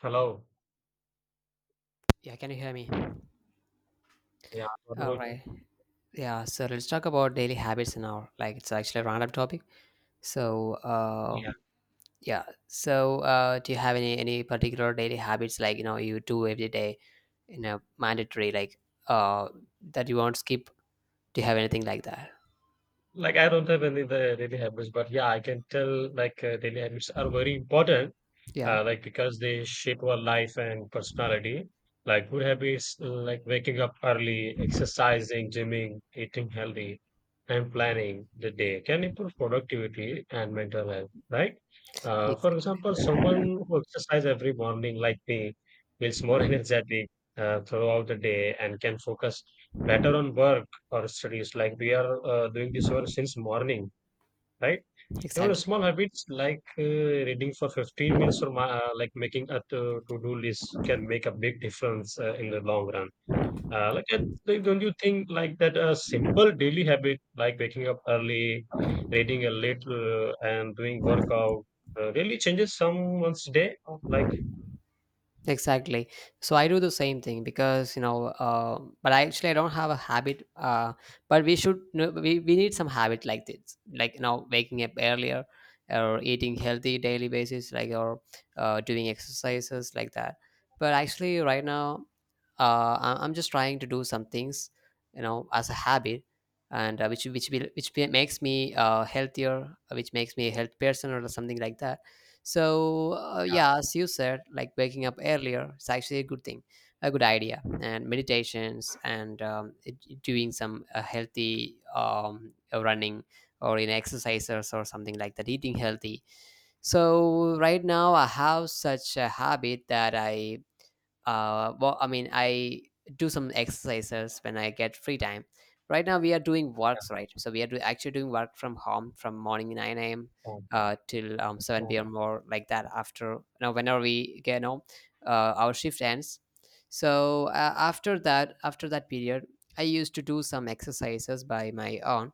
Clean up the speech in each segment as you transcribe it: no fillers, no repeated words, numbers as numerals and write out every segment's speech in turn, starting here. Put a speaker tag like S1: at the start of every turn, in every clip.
S1: Hello.
S2: Yeah, can you hear me?
S1: Yeah.
S2: All
S1: what
S2: right. Yeah, so let's talk about daily habits now. Like, it's actually a random topic. So,
S1: Yeah.
S2: yeah. So, do you have any particular daily habits like you know you do every day, you know, mandatory like uh that you won't skip? Do you have anything like that?
S1: Like I don't have any the daily habits, but yeah, I can tell like daily habits are very important
S2: Yeah,
S1: like because they shape our life and personality. Like good habits, like waking up early, exercising, gymming, eating healthy, and planning the day can improve productivity and mental health. Right? For
S2: ex-
S1: example, someone who exercises every morning, like me, feels more energetic throughout the day and can focus better on work or studies. Like we are doing this work since morning, right? Even the
S2: exactly.
S1: small habits like reading for 15 minutes or like making a to-do list can make a big difference in the long run. Uh, like, uh, don't you think like that a simple daily habit like waking up early, reading a little, and doing workout really changes someone's day?
S2: Exactly. So I do the same thing because you know, but I actually I don't have a habit. But we should know we need some habit like this, like you know, waking up earlier or eating healthy daily basis, like or doing exercises like that. But actually, right now, I- I'm just trying to do some things, you know, as a habit, and which will which be- makes me healthier, which makes me a health person or something like that, so
S1: Yeah,
S2: yeah, as you said, like waking up earlier is actually a good thing, a good idea, and meditations and doing some healthy running or in exercises or something like that, eating healthy. So right now I have such a habit that I do some exercises when I get free time. Right now we are doing works right, so actually doing work from home from morning nine a.m.
S1: yeah,
S2: Till 7 p.m. or like that. After now whenever we get you know our shift ends, so after that period I used to do some exercises by my own.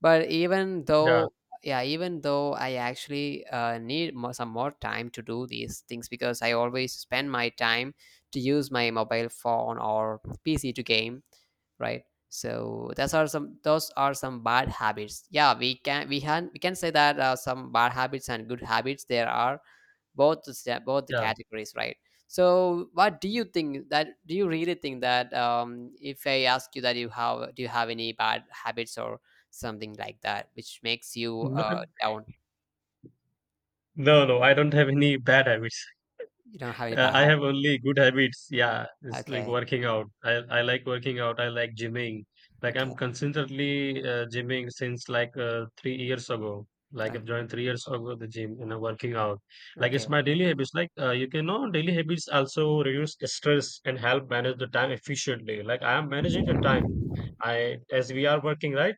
S2: But even
S1: yeah.
S2: though, yeah, even though I actually need some more time to do these things, because I always spend my time to use my mobile phone or PC to game, right? So those are some, those are some bad habits. Yeah, we can say that some bad habits and good habits there are, both the step, both the
S1: Yeah. Yeah.
S2: categories, right? So, what do you think that? Do you really think that if I ask you that you have, do you have any bad habits or something like that, which makes you down?
S1: No, no, I don't have any bad habits.
S2: You don't have any bad
S1: I have
S2: habits.
S1: only good habits. Yeah, it's like
S2: Okay,
S1: working out. I like working out. I like gymming. Like
S2: okay,
S1: I'm consistently gymming since like 3 years ago. Like I've
S2: okay,
S1: joined 3 years ago the gym and I'm working out. Like
S2: okay,
S1: it's my daily habits. Like you can know daily habits also reduce stress and help manage the time efficiently. Like I am managing the time. I as we are working, right.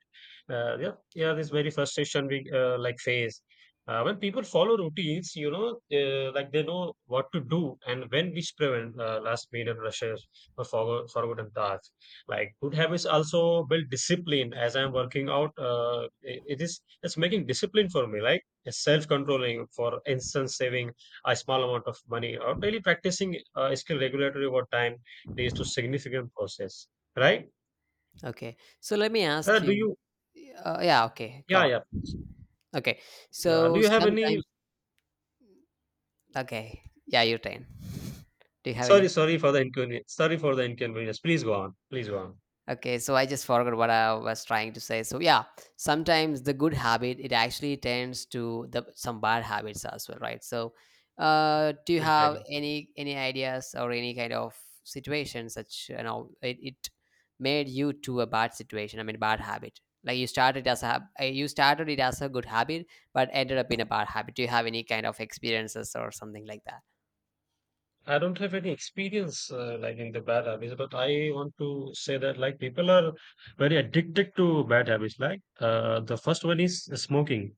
S1: Yeah, yeah. This very frustration we like face when people follow routines, you know, like they know what to do and when, which prevent last minute rushes or forgotten tasks. Like good habits also build discipline. As I'm working out, it's making discipline for me, like self controlling. For instance, saving a small amount of money or daily practicing skill regulatory over time leads to significant process. Right?
S2: okay. So let me ask
S1: Do
S2: you.
S1: you?
S2: Yeah, okay, go
S1: Yeah,
S2: on.
S1: yeah, please.
S2: Okay,
S1: Yeah. Do
S2: so
S1: you have any
S2: sometimes. Okay, yeah, your turn. Do you have
S1: Sorry,
S2: any?
S1: sorry for the inconvenience. Sorry for the inconvenience. Please go on. Please go on.
S2: Okay, so I just forgot what I was trying to say. So yeah, sometimes the good habit it actually tends to the some bad habits as well, right? So, do you have
S1: Exactly.
S2: any ideas or any kind of situation such you know it made you to a bad situation? I mean, bad habit. Like you started as a you started it as a good habit, but ended up in a bad habit. Do you have any kind of experiences or something like that?
S1: I don't have any experience like in the bad habits, but I want to say that like people are very addicted to bad habits. Like the first one is smoking.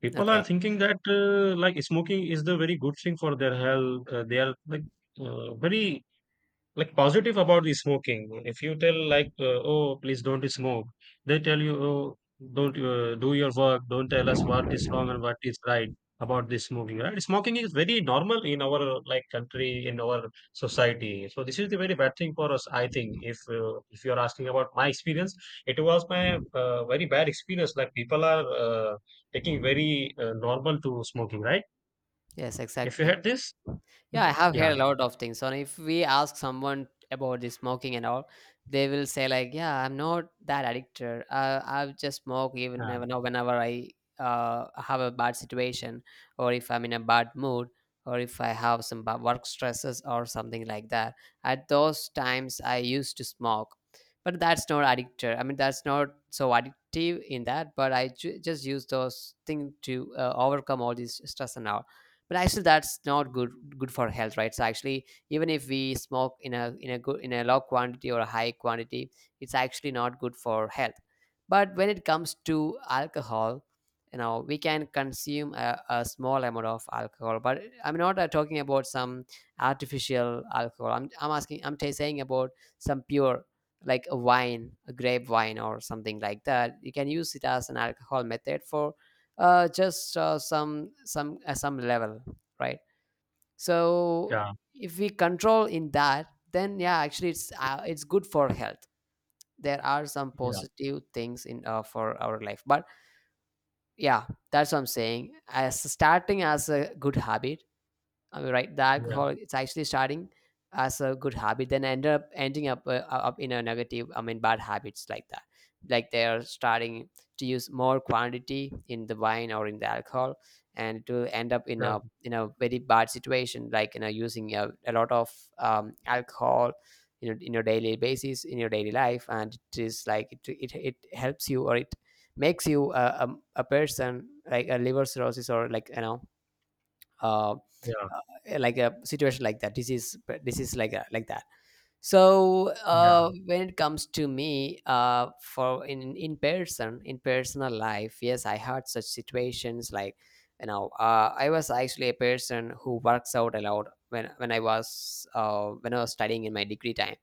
S1: People are
S2: Okay.
S1: thinking that like smoking is the very good thing for their health. They are like very like positive about the smoking. If you tell like oh please don't smoke, they tell you, oh don't do your work, don't tell us what is wrong and what is right about this smoking, right? Smoking is very normal in our like country, in our society, so this is the very bad thing for us. I think if you are asking about my experience, it was my very bad experience. Like people are taking very normal to smoking, right?
S2: Yes,
S1: If you
S2: exactly.
S1: had this,
S2: Yeah, I have heard a
S1: yeah,
S2: lot of things. So if we ask someone about the smoking and all, they will say like, "Yeah, I'm not that addicted. I just smoke even
S1: yeah,
S2: never now whenever I have a bad situation, or if I'm in a bad mood, or if I have some work stresses or something like that. At those times, I used to smoke, but that's not addicted. I mean, that's not so addictive in that. But I just use those things to overcome all this stress and all, but actually that's not good, good for health, right? So actually, even if we smoke in a, in a good, in a low quantity or a high quantity, it's actually not good for health. But when it comes to alcohol, you know, we can consume a small amount of alcohol, but I'm not talking about some artificial alcohol. I'm asking, saying about some pure, like a wine, a grape wine or something like that. You can use it as an alcohol method for just some level, right? So
S1: yeah,
S2: if we control in that, then yeah, actually it's good for health. There are some
S1: yeah,
S2: positive things in for our life, but yeah, that's what I'm saying, as starting as a good habit. I mean, right? The
S1: yeah,
S2: alcohol, it's actually starting as a good habit, then end up ending up in a negative. I mean, bad habits like that. Like they are starting to use more quantity in the wine or in the alcohol, and to end up in
S1: yeah,
S2: a, in a very bad situation, like you know, using a lot of alcohol. You know, in your daily basis, in your daily life, and it is like it helps you or it makes you a person like a liver cirrhosis or like you know, uh,
S1: yeah.
S2: like a situation like that. This is, this is like a, like that. So
S1: Yeah,
S2: when it comes to me, for in person, in personal life, yes, I had such situations like you know, I was actually a person who works out a lot when when I was studying in my degree time.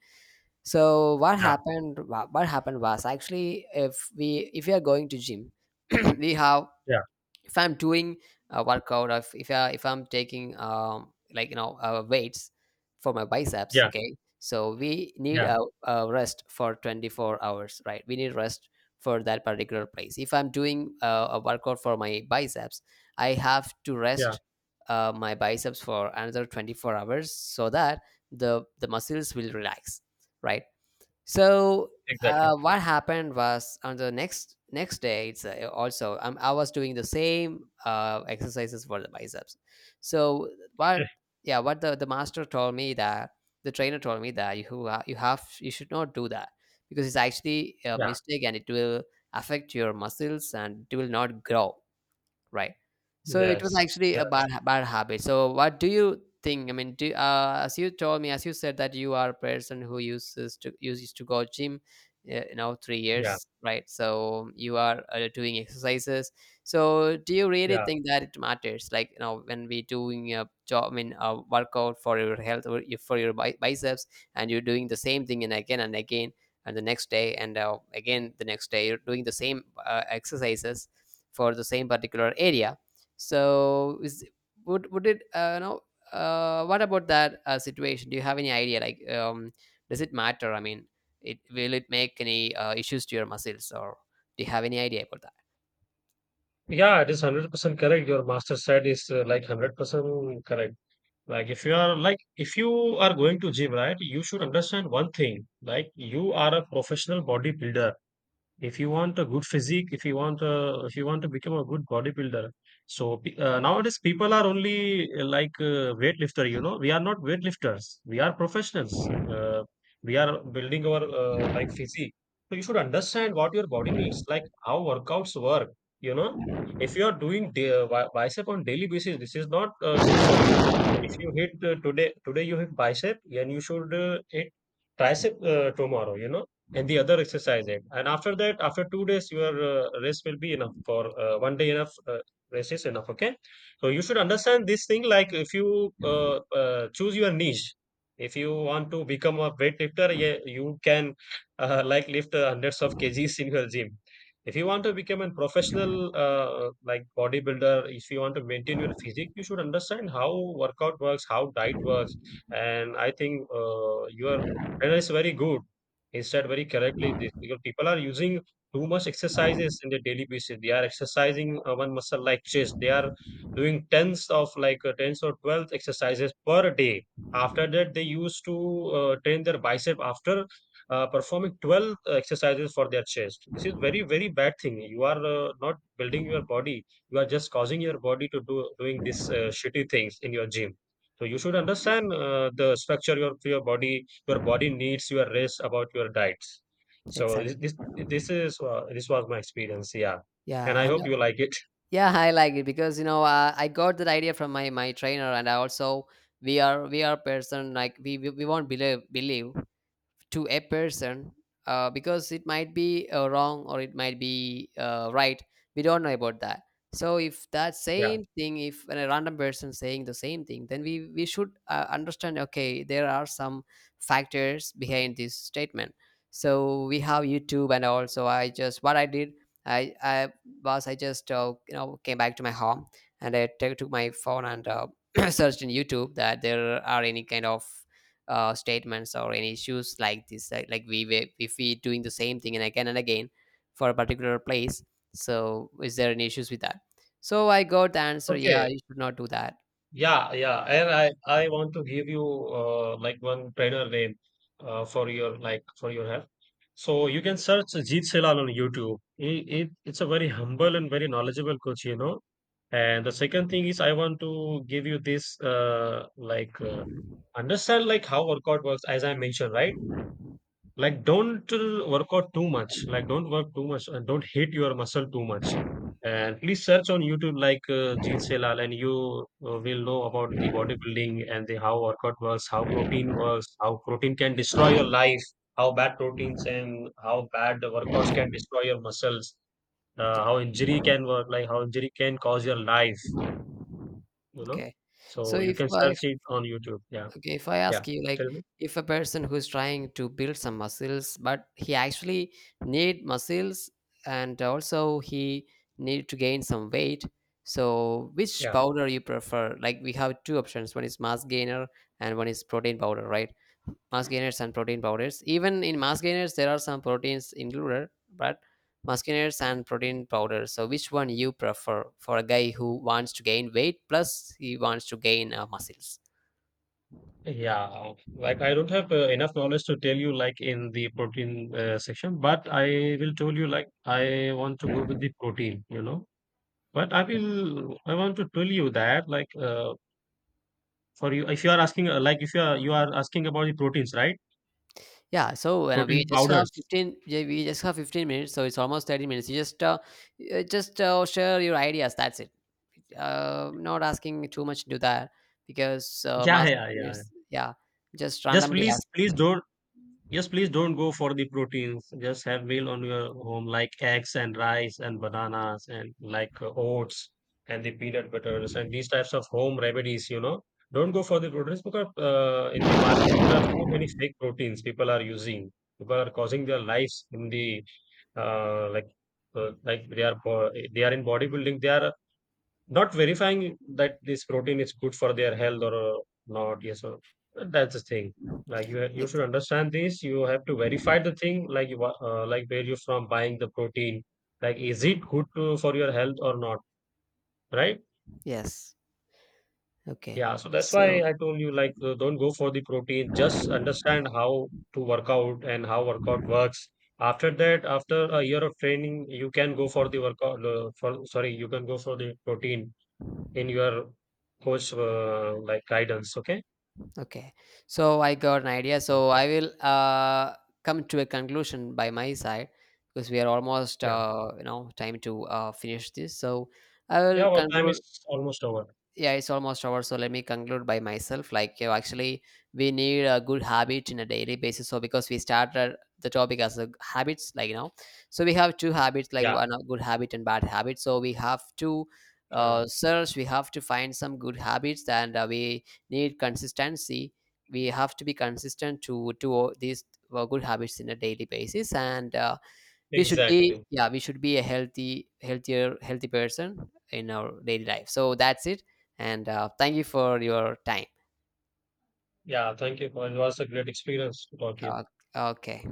S2: So what
S1: yeah,
S2: happened, what happened was, actually if we are going to gym, we have,
S1: yeah,
S2: if I'm doing a workout, or if I if I'm taking like you know weights for my biceps,
S1: yeah,
S2: okay, so we need
S1: yeah,
S2: a rest for 24 hours, right? We need rest for that particular place. If I'm doing a workout for my biceps, I have to
S1: yeah,
S2: rest my biceps for another 24 hours, so that the muscles will relax, right? So
S1: exactly.
S2: what happened was on the next next day, it's also I was doing the same exercises for the biceps. So what yeah what the master told me that, the trainer told me that you, you have, you should not do that, because it's actually a
S1: Yeah,
S2: mistake and it will affect your muscles and it will not grow. Right. So it was
S1: yes,
S2: actually a bad,
S1: yes,
S2: bad habit. So what do you think? I mean, do, as you told me, as you said that you are a person who uses to go gym, you know, three
S1: yeah,
S2: years, right? So you are doing exercises. So do you really
S1: yeah.
S2: think that it matters? Like you know, when we doing a job, I mean, a workout for your health or for your biceps, and you're doing the same thing and again and again, and the next day and again the next day you're doing the same exercises for the same particular area. So is would it no what about that situation? Do you have any idea like does it matter? I mean, it make any issues to your muscles? Or do you have any idea about that?
S1: Yeah, it is 100% correct. Your master said is like 100% correct. Like if you are like if you are going to gym, right, you should understand one thing. Like you are a professional bodybuilder. If you want a good physique, if you want a, if you want to become a good bodybuilder, so nowadays people are only weightlifter, you know. We are not weightlifters, we are professionals. We are building our like physique. So you should understand what your body needs, like how workouts work, you know. If you are doing bicep on daily basis, this is not good for you. If you hit today you hit bicep, and you should hit tricep tomorrow, you know, and the other exercise it. And after that, after 2 days your rest will be enough for one day enough rest is enough. Okay, so you should understand this thing. Like if you choose your niche, if you want to become a weightlifter, yeah, you can like lift hundreds of kgs in your gym. If you want to become a professional like bodybuilder, if you want to maintain your physique, you should understand how workout works, how diet works. And I think your trainer is very good. He said very correctly this, because people are using too much exercises in their daily basis. They are exercising one muscle like chest. They are doing tens of like tens or 12 exercises per day. After that, they used to train their bicep after performing 12 exercises for their chest. This is very very bad thing. You are not building your body. You are just causing your body to do doing these shitty things in your gym. So you should understand the structure of your body. Your body needs your rest, about your diets. So
S2: Exactly.
S1: this is this was my experience, yeah,
S2: Yeah,
S1: and I
S2: and
S1: hope you like it.
S2: yeah, I like it because you know I got that idea from my, my trainer, and I also, we are person like we won't believe believe to a person, because it might be wrong or it might be right, we don't know about that. So if that
S1: Yeah.
S2: same thing, if a random person saying the same thing, then we should understand, okay, there are some factors behind this statement. So we have YouTube, and also I just, what I did, i i I just you know, came back to my home, and I took took my phone and searched in YouTube that there are any kind of statements or any issues like this, like we were, if we doing the same thing and again for a particular place, so is there any issues with that? So I got the answer, yeah,
S1: Okay.
S2: you should not do that.
S1: Yeah, yeah, and I want to give you like one trainer name for your like for your health. So you can search Jeet Selal on YouTube. It's a very humble and very knowledgeable coach, you know. And the second thing is, I want to give you this, understand like how workout works, as I mentioned, right? Like don't work out too much. Like don't work too much and don't hit your muscle too much. And please search on YouTube like Jeet Selal, and you will know about the bodybuilding and the how workout works, how protein works, how protein can destroy your life, how bad proteins and how bad the workouts can destroy your muscles,
S2: Like,
S1: how injury can work, like how injury can cause your life, you know.
S2: okay, so
S1: So you
S2: if
S1: can
S2: I
S1: search
S2: if-
S1: it on YouTube, yeah.
S2: okay, if I
S1: Yeah,
S2: ask you like,
S1: tell me.
S2: if a person who's trying to build some muscles, but he actually need muscles and also he need to gain some weight, so which
S1: Yeah.
S2: powder you prefer? Like we have two options, one is mass gainer and one is protein powder, right? Mass gainers and protein powders. Even in mass gainers, there are some proteins included, but mass gainers and protein powders. So, which one you prefer for a guy who wants to gain weight, plus he wants to gain muscles?
S1: Yeah, like I don't have enough knowledge to tell you like in the protein section, but I will tell you like I want to go with the protein, you know. But I want to tell you that like for you, if you are asking like if you are, you are asking about the proteins, right?
S2: Yeah, so when we
S1: Protein
S2: just have
S1: powders.
S2: fifteen, yeah, we just have 15 minutes, so it's almost 30 minutes. You just, share your ideas. That's it. Not asking too much into that, because
S1: Yeah,
S2: mass
S1: yeah, yeah.
S2: is yeah, just
S1: Just
S2: randomly
S1: please
S2: ask.
S1: please don't, yes, please don't go for the proteins. Just have meal on your home, like eggs and rice and bananas and like oats and the peanut butters and these types of home remedies, you know. Don't go for the proteins because in the market there are so many fake proteins people are using. People are causing their lives in the uh, like like they are they are in bodybuilding. They are not verifying that this protein is good for their health or not, yes, or that's the thing. Like you
S2: Ex-
S1: should understand this. You have to verify the thing, like you like where you from buying the protein, like is it good to, for your health or not, right?
S2: yes. Okay.
S1: Yeah, so that's why
S2: so
S1: I told you like don't go for the protein. Just understand how to work out and how workout works. After that, after a year of training, you can go for the workout for sorry you can go for the protein in your coach like guidance. Okay.
S2: okay so I got an idea,
S1: Uh,
S2: so I will come to a conclusion by my side, because we are almost
S1: yeah,
S2: you know, time to finish this, so I
S1: yeah,
S2: will
S1: our time
S2: conclude.
S1: is almost over.
S2: Yeah, it's almost over, so let me conclude by myself. Like, you know, actually we need a good habit in a daily basis, so because we started the topic as a habits, like you know, so we have two habits, like
S1: Yeah,
S2: one a good habit and bad habit, so we have to
S1: yeah,
S2: search we have to find some good habits, and we need consistency. We have to be consistent to all these good habits in a daily basis, and we should be,
S1: exactly.
S2: yeah, we should be a healthy person in our daily life. So that's it, and thank you for your time.
S1: Yeah, thank you. It was a great experience to talk to you.
S2: uh, okay.